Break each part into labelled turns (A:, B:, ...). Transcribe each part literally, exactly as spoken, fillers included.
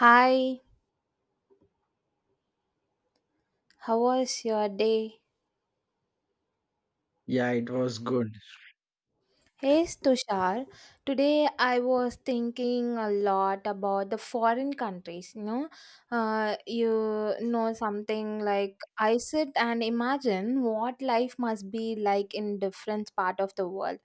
A: Hi, how was your day?
B: Yeah, it was good.
A: Hey Tushar, today I was thinking a lot about the foreign countries. You know, uh, you know something like I sit and imagine what life must be like in different part of the world.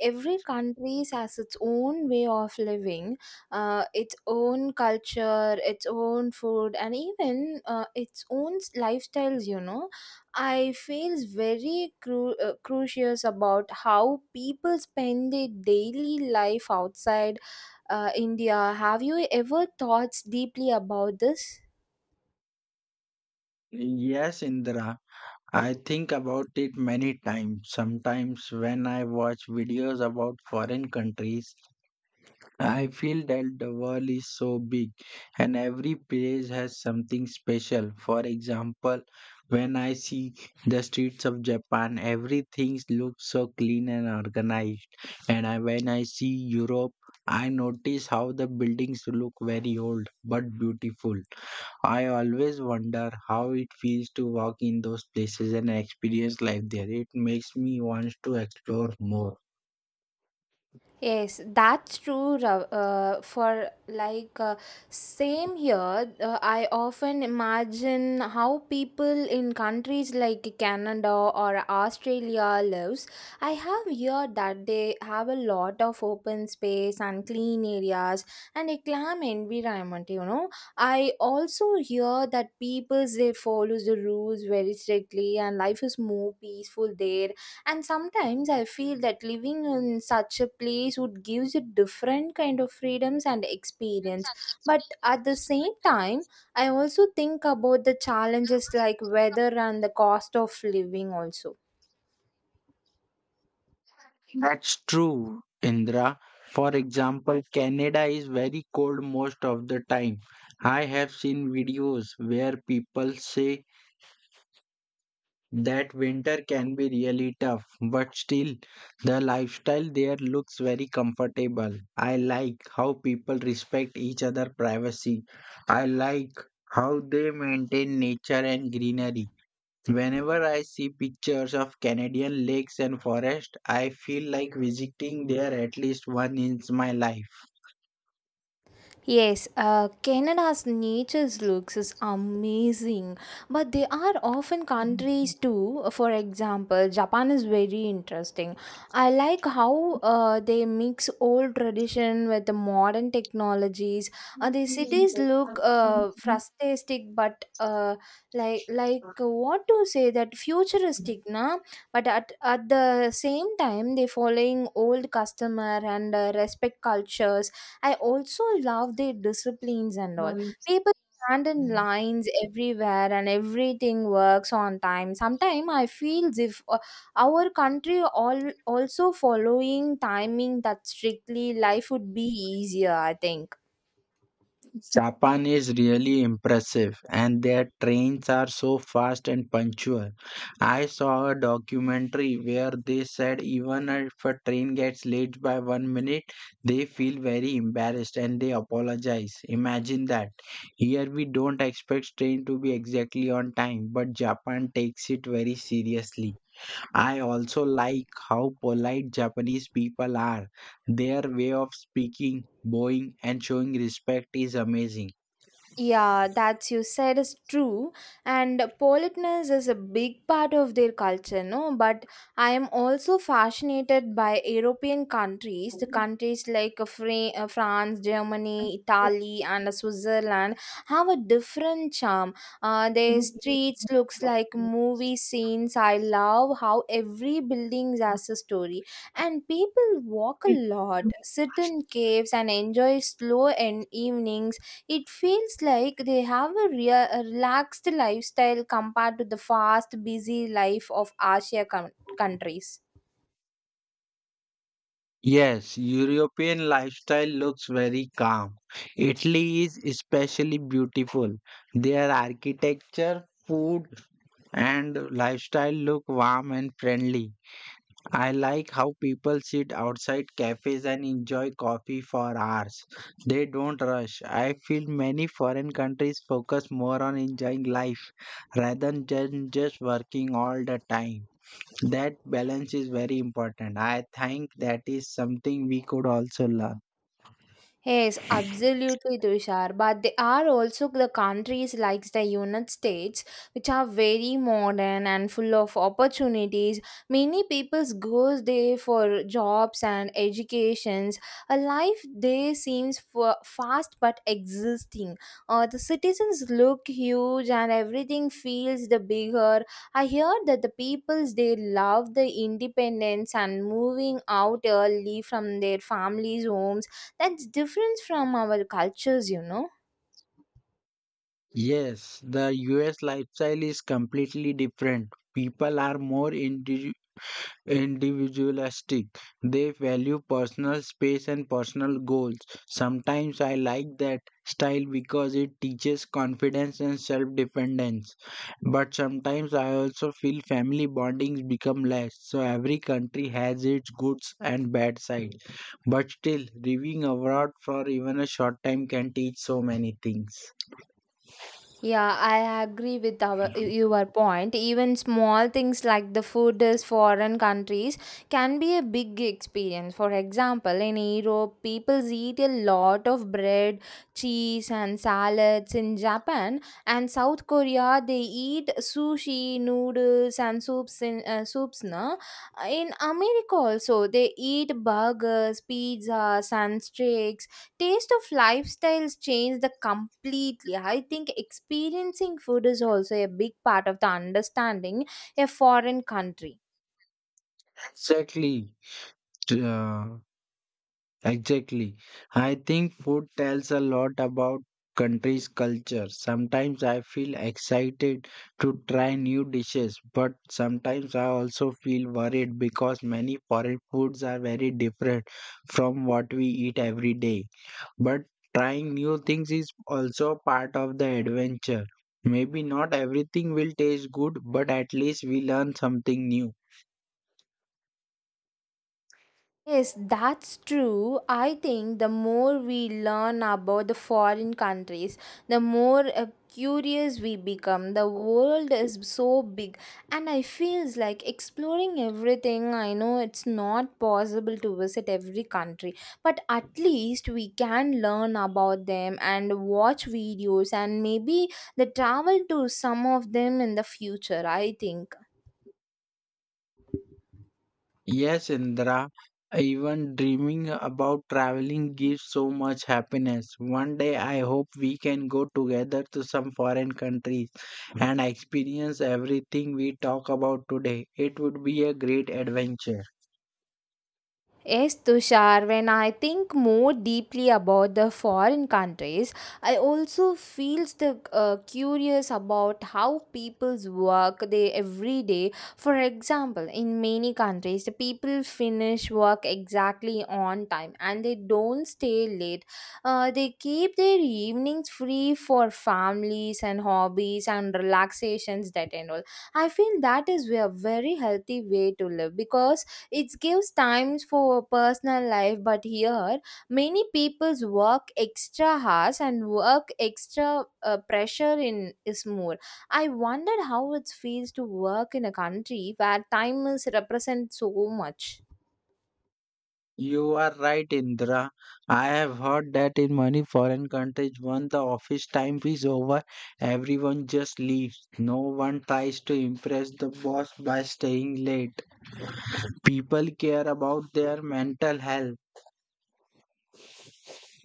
A: Every country has its own way of living, uh, its own culture, its own food, and even uh, its own s- lifestyles. You know, I feels very cru- uh, curious about how people spend their daily life outside uh, India. Have you ever thought deeply about this?
B: Yes, Indra. I think about it many times. Sometimes when I watch videos about foreign countries, I feel that the world is so big and every place has something special. For example, when I see the streets of Japan, everything looks so clean and organized. And I, when I see Europe, I notice how the buildings look very old but beautiful. I always wonder how it feels to walk in those places and experience life there. It makes me want to explore more.
A: Yes, that's true. Ra- Uh, for like uh, same here, uh, I often imagine how people in countries like Canada or Australia lives. I have heard that they have a lot of open space and clean areas and a calm environment. You know, I also hear that people they follow the rules very strictly and life is more peaceful there, and sometimes I feel that living in such a place would gives you different kind of freedoms and experience, but at the same time I also think about the challenges like weather and the cost of living also.
B: That's true, Indra. For example, Canada is very cold most of the time. I have seen videos where people say that winter can be really tough, but still, the lifestyle there looks very comfortable. I like how people respect each other' privacy. I like how they maintain nature and greenery. Whenever I see pictures of Canadian lakes and forests, I feel like visiting there at least once in my life.
A: Yes, uh, Canada's nature looks is amazing, but there are often countries too. For example, Japan is very interesting. I like how uh, they mix old tradition with the modern technologies. Uh, the cities look uh, futuristic, but uh, like like uh, what to say that futuristic, na? But at at the same time, they following old customer and uh, respect cultures. I also love their disciplines and all. People stand in lines everywhere and everything works on time. Sometimes I feel if uh, our country all also following timing that strictly, life would be easier, I think.
B: Japan is really impressive and their trains are so fast and punctual. I saw a documentary where they said even if a train gets late by one minute, they feel very embarrassed and they apologize. Imagine that. Here we don't expect train to be exactly on time, but Japan takes it very seriously. I also like how polite Japanese people are. Their way of speaking, bowing, and showing respect is amazing.
A: Yeah, that's you said is true, and politeness is a big part of their culture, no? But I am also fascinated by European countries, the countries like uh, Fra- uh, France, Germany, Italy, and uh, Switzerland have a different charm. Uh, their streets looks like movie scenes. I love how every building has a story, and people walk a lot, sit in caves, and enjoy slow and evenings. It feels like they have a, rea- a relaxed lifestyle compared to the fast, busy life of Asia coun countries.
B: Yes, European lifestyle looks very calm. Italy is especially beautiful. Their architecture, food, and lifestyle look warm and friendly. I like how people sit outside cafes and enjoy coffee for hours. They don't rush. I feel many foreign countries focus more on enjoying life rather than just working all the time. That balance is very important. I think that is something we could also learn.
A: Yes, absolutely, Tushar. But there are also the countries like the United States, which are very modern and full of opportunities. Many people go there for jobs and educations. A life there seems fa- fast but existing. Uh, the citizens look huge and everything feels the bigger. I hear that the peoples they love the independence and moving out early from their families' homes. That's different from our cultures, you know.
B: Yes, the U S lifestyle is completely different. People are more indi- individualistic. They value personal space and personal goals. Sometimes I like that style because it teaches confidence and self dependence. But sometimes I also feel family bondings become less. So every country has its goods and bad side. But still, reviewing abroad for even a short time can teach so many things.
A: Yeah, I agree with our your point. Even small things like the food is foreign countries can be a big experience. For example, in Europe, people eat a lot of bread, cheese, and salads. In Japan and South Korea, they eat sushi, noodles, and soups. In uh, soups, na. In America also, they eat burgers, pizzas, and steaks. Taste of lifestyles change the completely I think experiencing food is also a big part of the understanding a foreign country.
B: Exactly. Uh, exactly. I think food tells a lot about country's culture. Sometimes I feel excited to try new dishes, but sometimes I also feel worried because many foreign foods are very different from what we eat every day. But trying new things is also part of the adventure. Maybe not everything will taste good, but at least we learn something new.
A: Yes, that's true. I think the more we learn about the foreign countries, the more uh, curious we become. The world is so big, and I feels like exploring everything. I know it's not possible to visit every country, but at least we can learn about them and watch videos and maybe the travel to some of them in the future, I think.
B: Yes, Indra, even dreaming about traveling gives so much happiness. One day I hope we can go together to some foreign countries and experience everything we talk about today. It would be a great adventure.
A: Yes, Tushar, when I think more deeply about the foreign countries, I also feels the uh, curious about how people's work they every day. For example, in many countries, the people finish work exactly on time and they don't stay late. Uh, they keep their evenings free for families and hobbies and relaxations that and all. I feel that is a very healthy way to live because it gives times for personal life, but here many people's work extra hours and work extra uh, pressure in is more. I wondered how it feels to work in a country where time is represented so much.
B: You are right, Indra. I have heard that in many foreign countries, when the office time is over, everyone just leaves. No one tries to impress the boss by staying late. People care about their mental health.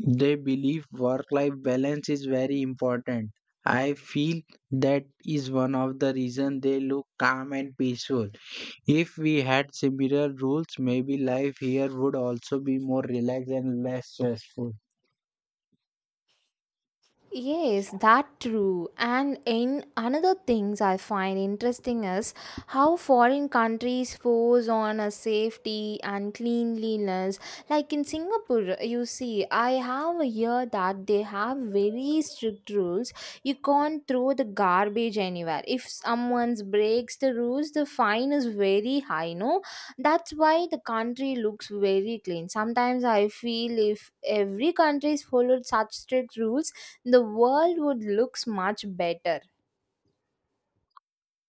B: They believe work life balance is very important. I feel that is one of the reasons they look calm and peaceful. If we had similar rules, maybe life here would also be more relaxed and less stressful.
A: Yes, that true. And in another things I find interesting is how foreign countries force on a safety and cleanliness. Like in Singapore, you see, I have heard that they have very strict rules. You can't throw the garbage anywhere. If someone breaks the rules, the fine is very high. No, that's why the country looks very clean. Sometimes I feel if every country followed such strict rules, the world would look much better.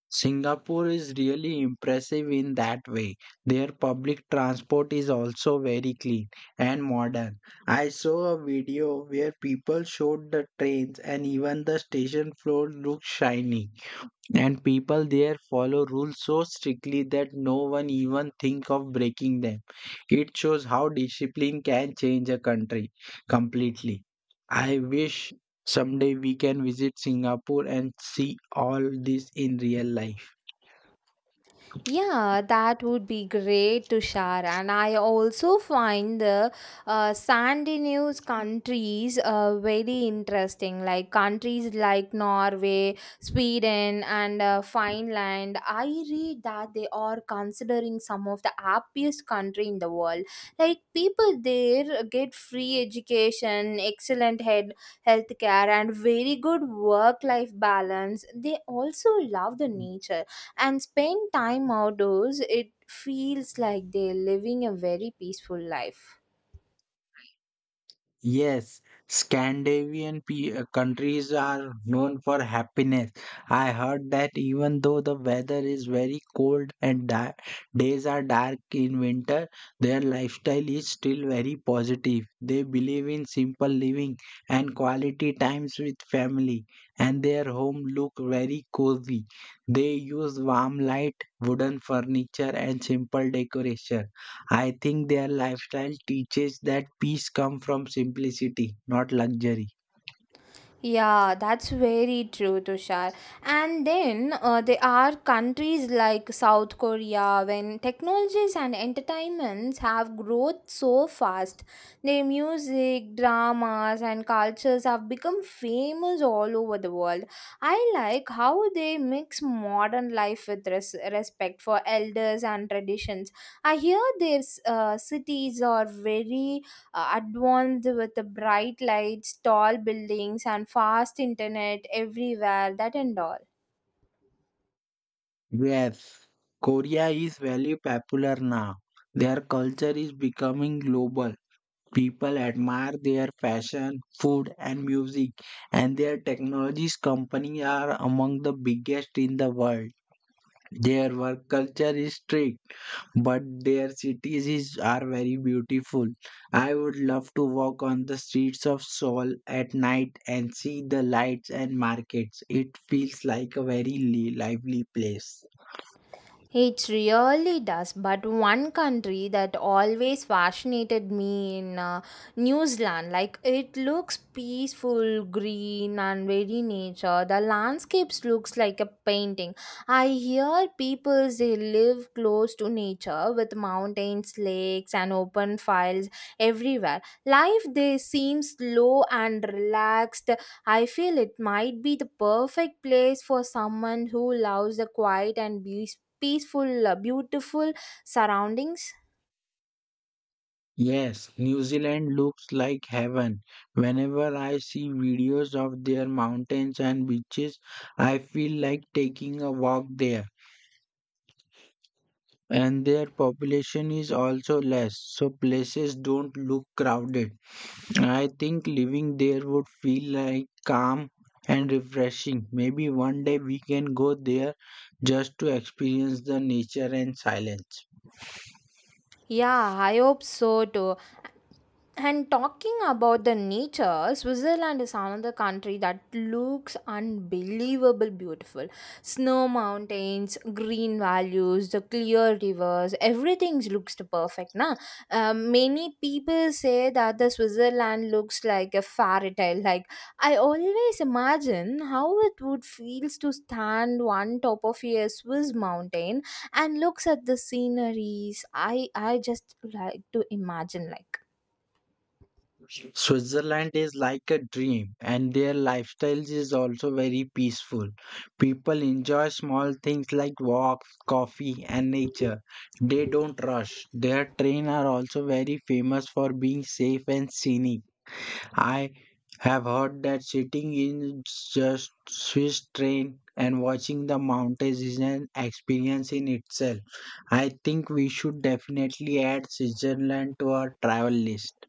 B: Singapore is really impressive in that way. Their public transport is also very clean and modern. I saw a video where people showed the trains and even the station floor looked shiny. And people there follow rules so strictly that no one even think of breaking them. It shows how discipline can change a country completely. I wish someday we can visit Singapore and see all this in real life.
A: Yeah, that would be great, to share. And I also find the uh, Scandinavian countries uh, very interesting, like countries like Norway, Sweden, and uh, Finland. I read that they are considering some of the happiest country in the world. Like people there get free education, excellent head health care, and very good work-life balance. They also love the nature and spend time outdoors. It feels like they're living a very peaceful life.
B: Yes, Scandinavian pe- uh, countries are known for happiness. I heard that even though the weather is very cold and da- days are dark in winter, their lifestyle is still very positive. They believe in simple living and quality times with family, and their home look very cozy. They use warm light, wooden furniture, and simple decoration. I think their lifestyle teaches that peace comes from simplicity, not luxury.
A: Yeah, that's very true, Tushar. And then uh, there are countries like South Korea when technologies and entertainments have growth so fast. Their music, dramas, and cultures have become famous all over the world. I like how they mix modern life with res- respect for elders and traditions. I hear their uh, cities are very uh, advanced with the bright lights, tall buildings, and fast internet everywhere, that and all.
B: Yes, Korea is very popular now. Their culture is becoming global. People admire their fashion, food, and music, and their technologies company are among the biggest in the world. Their work culture is strict, but their cities is, are very beautiful. I would love to walk on the streets of Seoul at night and see the lights and markets. It feels like a very li- lively place.
A: It really does. But one country that always fascinated me in uh, New Zealand, like it looks peaceful, green, and very nature. The landscapes looks like a painting. I hear people they live close to nature with mountains, lakes, and open fields everywhere. Life they seems slow and relaxed. I feel it might be the perfect place for someone who loves the quiet and beauty peaceful, uh, beautiful surroundings?
B: Yes, New Zealand looks like heaven. Whenever I see videos of their mountains and beaches, I feel like taking a walk there. And their population is also less, so places don't look crowded. I think living there would feel like calm and refreshing. Maybe one day we can go there just to experience the nature and silence.
A: Yeah, I hope so too. And talking about the nature, Switzerland is another country that looks unbelievable beautiful. Snow mountains, green valleys, the clear rivers, everything looks the perfect. Na? Um, many people say that the Switzerland looks like a fairy tale. Like I always imagine how it would feels to stand one top of a Swiss mountain and looks at the sceneries. I I just like to imagine like.
B: Switzerland is like a dream, and their lifestyle is also very peaceful. People enjoy small things like walks, coffee, and nature. They don't rush. Their trains are also very famous for being safe and scenic. I have heard that sitting in just Swiss train and watching the mountains is an experience in itself. I think we should definitely add Switzerland to our travel list.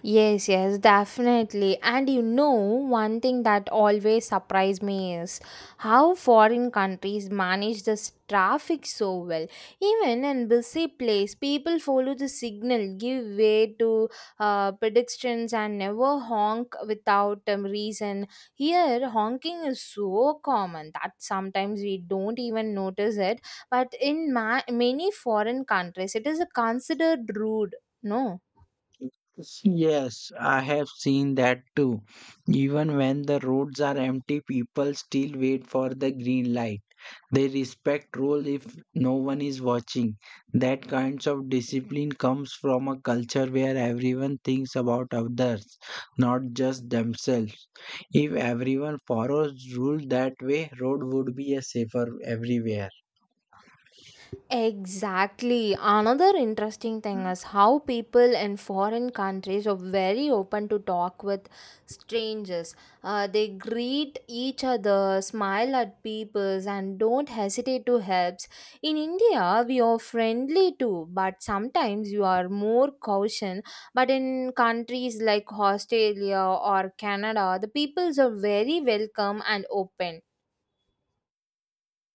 A: Yes, yes, definitely. And you know, one thing that always surprised me is how foreign countries manage this traffic so well. Even in busy place, people follow the signal, give way to uh, pedestrians, and never honk without um, reason. Here, honking is so common that sometimes we don't even notice it. But in ma- many foreign countries, it is considered rude. No.
B: Yes, I have seen that too. Even when the roads are empty, people still wait for the green light. They respect rule if no one is watching. That kinds of discipline comes from a culture where everyone thinks about others, not just themselves. If everyone follows rule that way, road would be a safer everywhere.
A: Exactly. Another interesting thing is how people in foreign countries are very open to talk with strangers. Uh, they greet each other, smile at people, and don't hesitate to help. In India, we are friendly too, but sometimes you are more cautious. But in countries like Australia or Canada, the peoples are very welcome and open.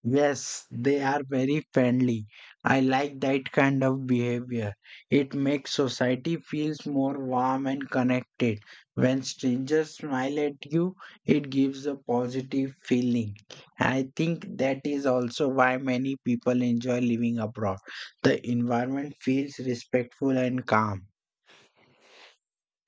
B: Yes, they are very friendly. I like that kind of behavior. It makes society feels more warm and connected. When strangers smile at you, it gives a positive feeling. I think that is also why many people enjoy living abroad. The environment feels respectful and calm.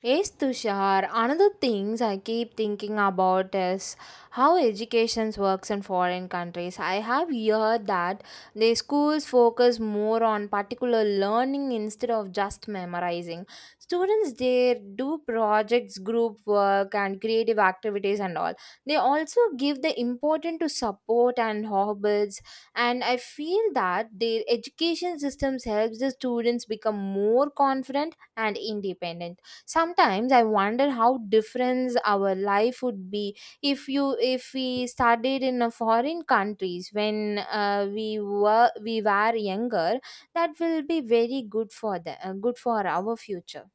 A: Yes, Tushar. Another things I keep thinking about is how education works in foreign countries. I have heard that the schools focus more on particular learning instead of just memorizing. Students there do projects, group work, and creative activities and all. They also give the importance to support and hobbies. And I feel that their education systems helps the students become more confident and independent. Sometimes I wonder how different our life would be if you if we studied in a foreign countries when uh, we were we were younger. That will be very good for the uh, good for our future.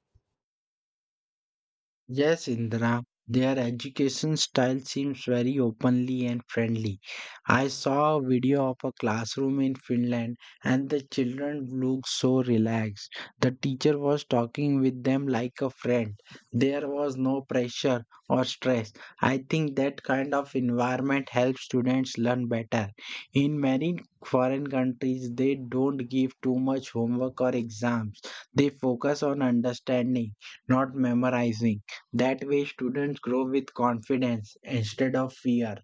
B: Yes, Indra, their education style seems very openly and friendly. I saw a video of a classroom in Finland and the children looked so relaxed. The teacher was talking with them like a friend. There was no pressure or stress. I think that kind of environment helps students learn better. In many foreign countries, they don't give too much homework or exams. They focus on understanding, not memorizing. That way, students grow with confidence instead of fear.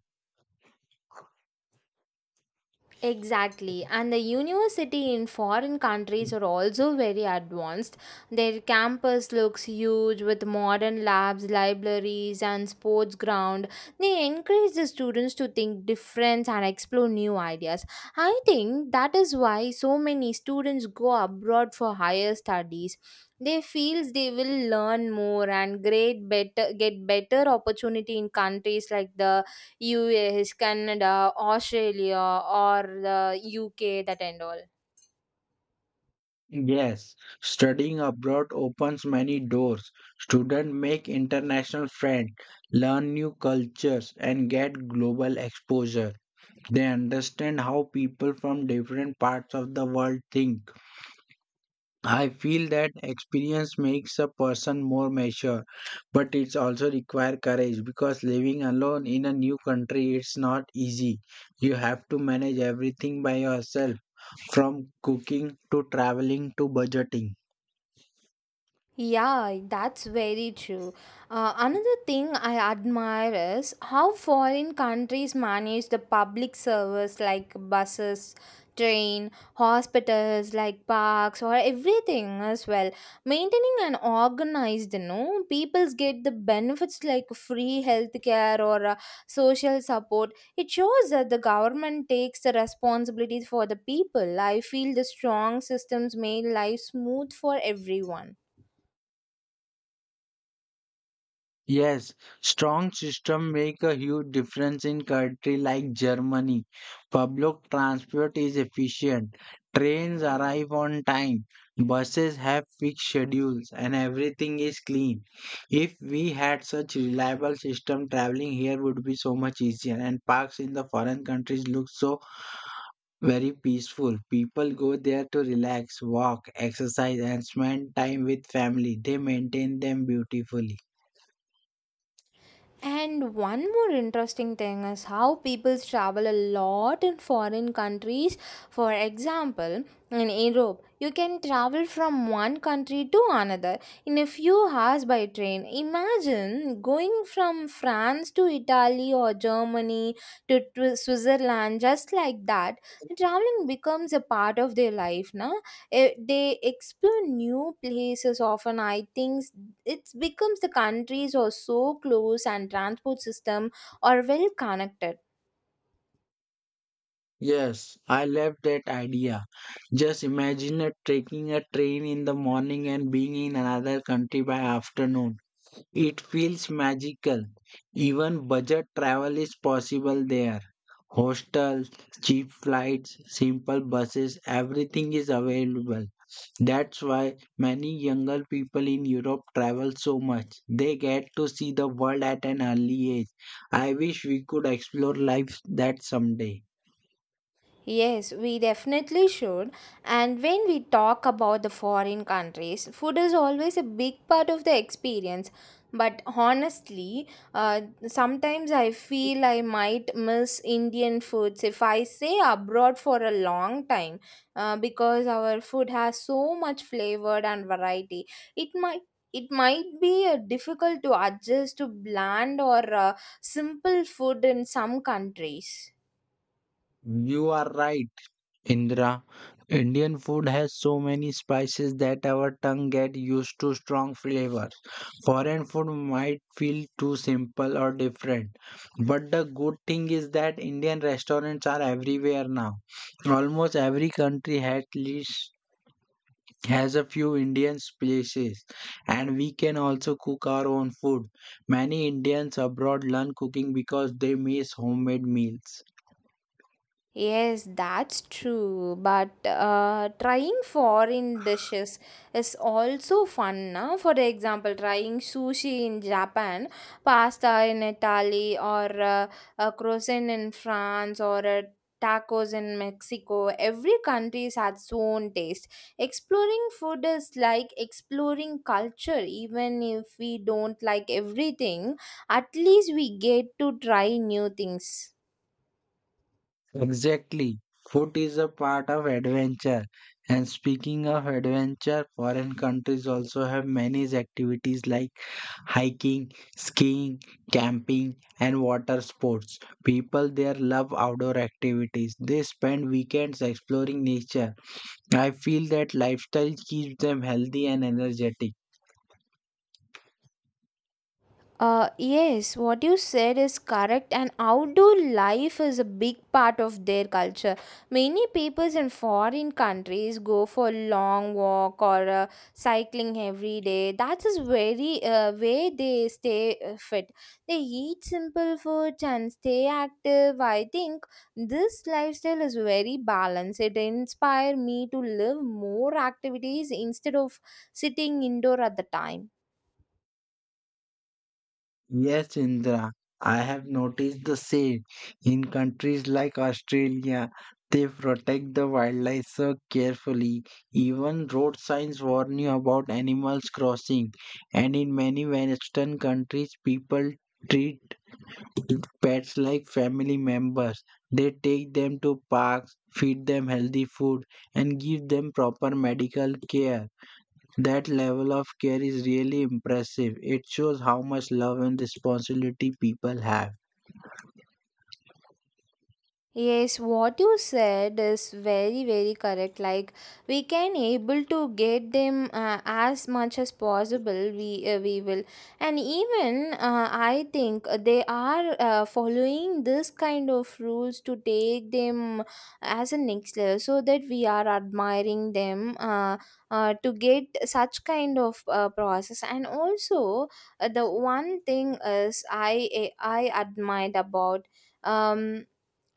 A: Exactly, and the university in foreign countries are also very advanced. Their campus looks huge with modern labs, libraries, and sports ground. They encourage the students to think different and explore new ideas. I think that is why so many students go abroad for higher studies. They feels they will learn more and great better get better opportunity in countries like the U S, Canada, Australia, or the U K, that and all.
B: Yes, studying abroad opens many doors. Students make international friends, learn new cultures, and get global exposure. They understand how people from different parts of the world think. I feel that experience makes a person more mature, but it's also require courage because living alone in a new country it's not easy. You have to manage everything by yourself from cooking to traveling to budgeting.
A: Yeah, that's very true. Uh, another thing I admire is how foreign countries manage the public service like buses, train, hospitals like parks or everything as well. Maintaining and organized, you know, peoples get the benefits like free healthcare or uh, social support. It shows that the government takes the responsibilities for the people. I feel the strong systems make life smooth for everyone.
B: Yes, strong system make a huge difference in country like Germany. Public transport is efficient. Trains arrive on time. Buses have fixed schedules and everything is clean. If we had such reliable system, traveling here would be so much easier. And parks in the foreign countries look so very peaceful. People go there to relax, walk, exercise, and spend time with family. They maintain them beautifully.
A: And one more interesting thing is how people travel a lot in foreign countries. For example, in Europe, you can travel from one country to another in a few hours by train. Imagine going from France to Italy or Germany to, to Switzerland just like that. Traveling becomes a part of their life now. Eh, they explore new places often. I think it becomes the countries are so close and transport system are well connected.
B: Yes, I love that idea. Just imagine uh, taking a train in the morning and being in another country by afternoon. It feels magical. Even budget travel is possible there. Hostels, cheap flights, simple buses, everything is available. That's why many younger people in Europe travel so much. They get to see the world at an early age. I wish we could explore life that someday.
A: Yes, we definitely should. And when we talk about the foreign countries, food is always a big part of the experience. But honestly, uh, sometimes I feel I might miss Indian foods if I stay abroad for a long time, uh, because our food has so much flavor and variety. It might it might be uh, difficult to adjust to bland or uh, simple food in some countries.
B: You are right. Indra, Indian food has so many spices that our tongue get used to strong flavor. Foreign food might feel too simple or different. But the good thing is that Indian restaurants are everywhere now. Almost every country at least has a few Indian places and we can also cook our own food. Many Indians abroad learn cooking because they miss homemade meals.
A: Yes, that's true. But uh, trying foreign dishes is also fun. Na? For example, trying sushi in Japan, pasta in Italy, or uh, a croissant in France, or uh, tacos in Mexico. Every country has its own taste. Exploring food is like exploring culture. Even if we don't like everything, at least we get to try new things.
B: Exactly. Food is a part of adventure. And speaking of adventure, foreign countries also have many activities like hiking, skiing, camping, and water sports. People there love outdoor activities. They spend weekends exploring nature. I feel that lifestyle keeps them healthy and energetic.
A: Uh, yes, what you said is correct, and outdoor life is a big part of their culture. Many peoples in foreign countries go for long walk or uh, cycling every day. That is very uh, way they stay uh, fit. They eat simple foods and stay active. I think this lifestyle is very balanced. It inspired me to live more activities instead of sitting indoor at the time.
B: Yes, Indra, I have noticed the same. In countries like Australia, they protect the wildlife so carefully. Even road signs warn you about animals crossing. And in many Western countries, people treat pets like family members. They take them to parks, feed them healthy food, and give them proper medical care. That level of care is really impressive. It shows how much love and responsibility people have.
A: Yes, what you said is very very correct. Like we can able to get them, uh, as much as possible. We uh, we will, and even uh, I think they are uh, following this kind of rules to take them as a next level, so that we are admiring them. Uh, uh, to get such kind of uh, process, and also uh, the one thing is I I admired about. Um,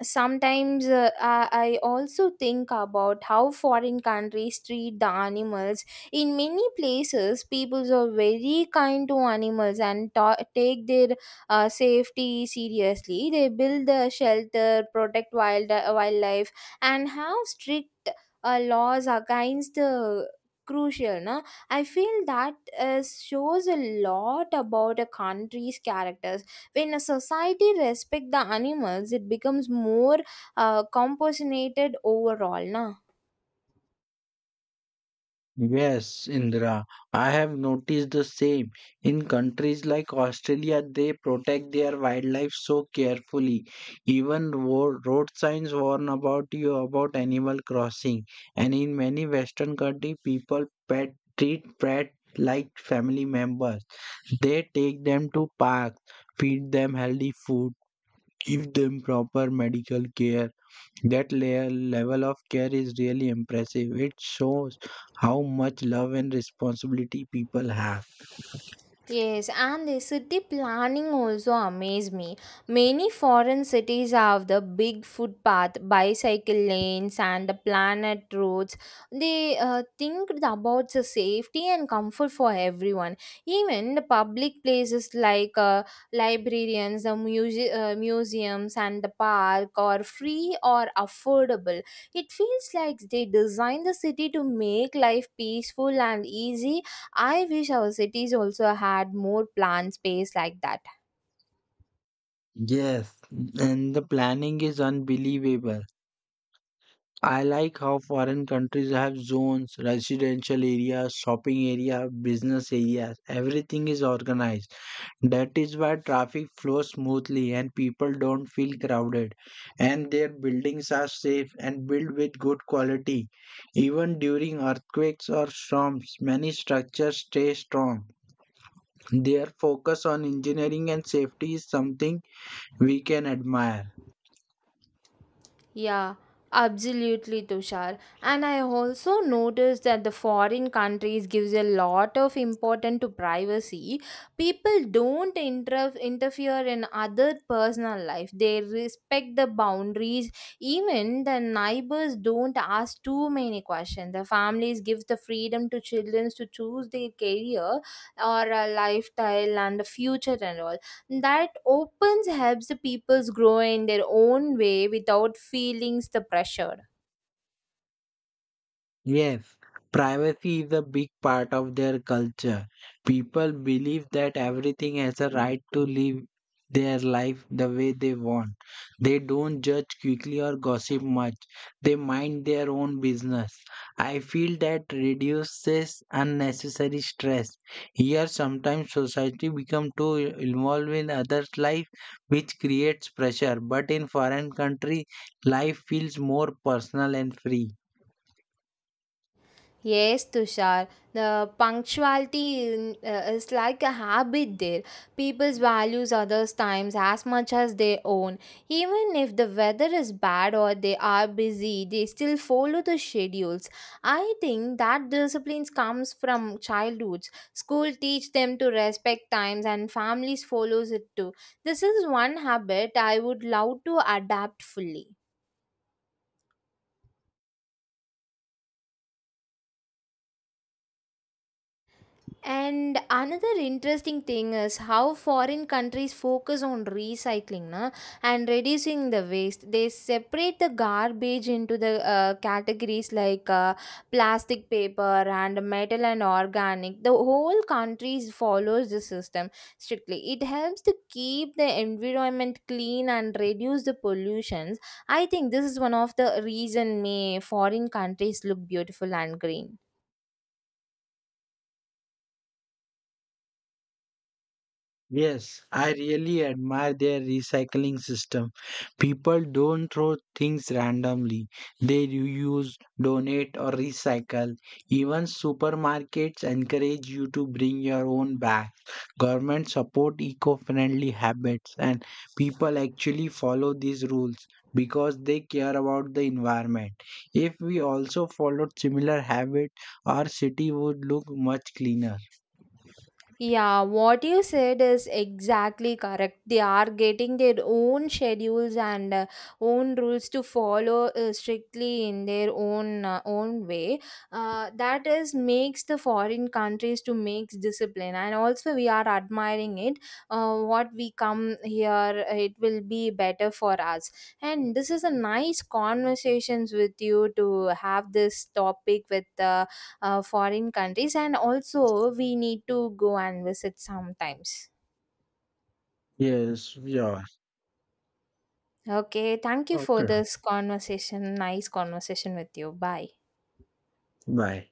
A: sometimes uh, I, I also think about how foreign countries treat the animals. In many places people are very kind to animals and ta- take their uh, safety seriously. They build a shelter, protect wild uh, wildlife, and have strict uh, laws against the crucial, no? I feel that uh, shows a lot about a country's character. When a society respect the animals, it becomes more uh, compassionate overall, na.
B: Yes, Indra, I have noticed the same. In countries like Australia, they protect their wildlife so carefully. Even road road signs warn about you about animal crossing. And in many Western countries, people pet treat pet like family members. They take them to parks, feed them healthy food, give them proper medical care. That layer level of care is really impressive. It shows how much love and responsibility people have.
A: Yes, and the city planning also amaze me. Many foreign cities have the big footpath, bicycle lanes, and the planet roads. They uh, think about the safety and comfort for everyone. Even the public places like uh, librarians, the muse- uh, museums, and the park are free or affordable. It feels like they designed the city to make life peaceful and easy. I wish our cities also had more planned space like that.
B: Yes, and the planning is unbelievable. I like how foreign countries have zones, residential areas, shopping area, business areas. Everything is organized. That is why traffic flows smoothly and people don't feel crowded, and their buildings are safe and built with good quality. Even during earthquakes or storms, many structures stay strong. Their focus on engineering and safety is something we can admire.
A: Yeah, absolutely, Tushar. And I also noticed that the foreign countries gives a lot of importance to privacy. People don't inter- interfere in other personal life. They respect the boundaries. Even the neighbors don't ask too many questions. The families give the freedom to children to choose their career or a lifestyle and a future and all that opens helps the peoples grow in their own way without feelings the pressure.
B: Yes, privacy is a big part of their culture. People believe that everything has a right to live their life the way they want. They don't judge quickly or gossip much. They mind their own business. I feel that reduces unnecessary stress. Here, sometimes society becomes too involved in others' life, which creates pressure. But in foreign country, life feels more personal and free.
A: Yes, Tushar. The punctuality in- uh, is like a habit there. People values others' times as much as their own. Even if the weather is bad or they are busy, they still follow the schedules. I think that discipline comes from childhoods. School teach them to respect times and families follows it too. This is one habit I would love to adapt fully. And another interesting thing is how foreign countries focus on recycling, na, and reducing the waste. They separate the garbage into the uh, categories like uh, plastic, paper, and metal and organic. The whole country follows the system strictly. It helps to keep the environment clean and reduce the pollutions. I think this is one of the reason may foreign countries look beautiful and green.
B: Yes, I really admire their recycling system. People don't throw things randomly. They reuse, donate, or recycle. Even supermarkets encourage you to bring your own bag. Government support eco-friendly habits, and people actually follow these rules because they care about the environment. If we also followed similar habits, our city would look much cleaner.
A: Yeah, what you said is exactly correct. They are getting their own schedules and uh, own rules to follow uh, strictly in their own uh, own way. Uh, that is makes the foreign countries to make discipline, and also we are admiring it. Uh, what we come here, it will be better for us. And this is a nice conversations with you to have this topic with. Uh, uh, foreign countries and also we need to go and visit sometimes.
B: Yes, yeah.
A: Okay, thank you for
B: Okay.
A: this conversation. Nice conversation with you. Bye.
B: Bye.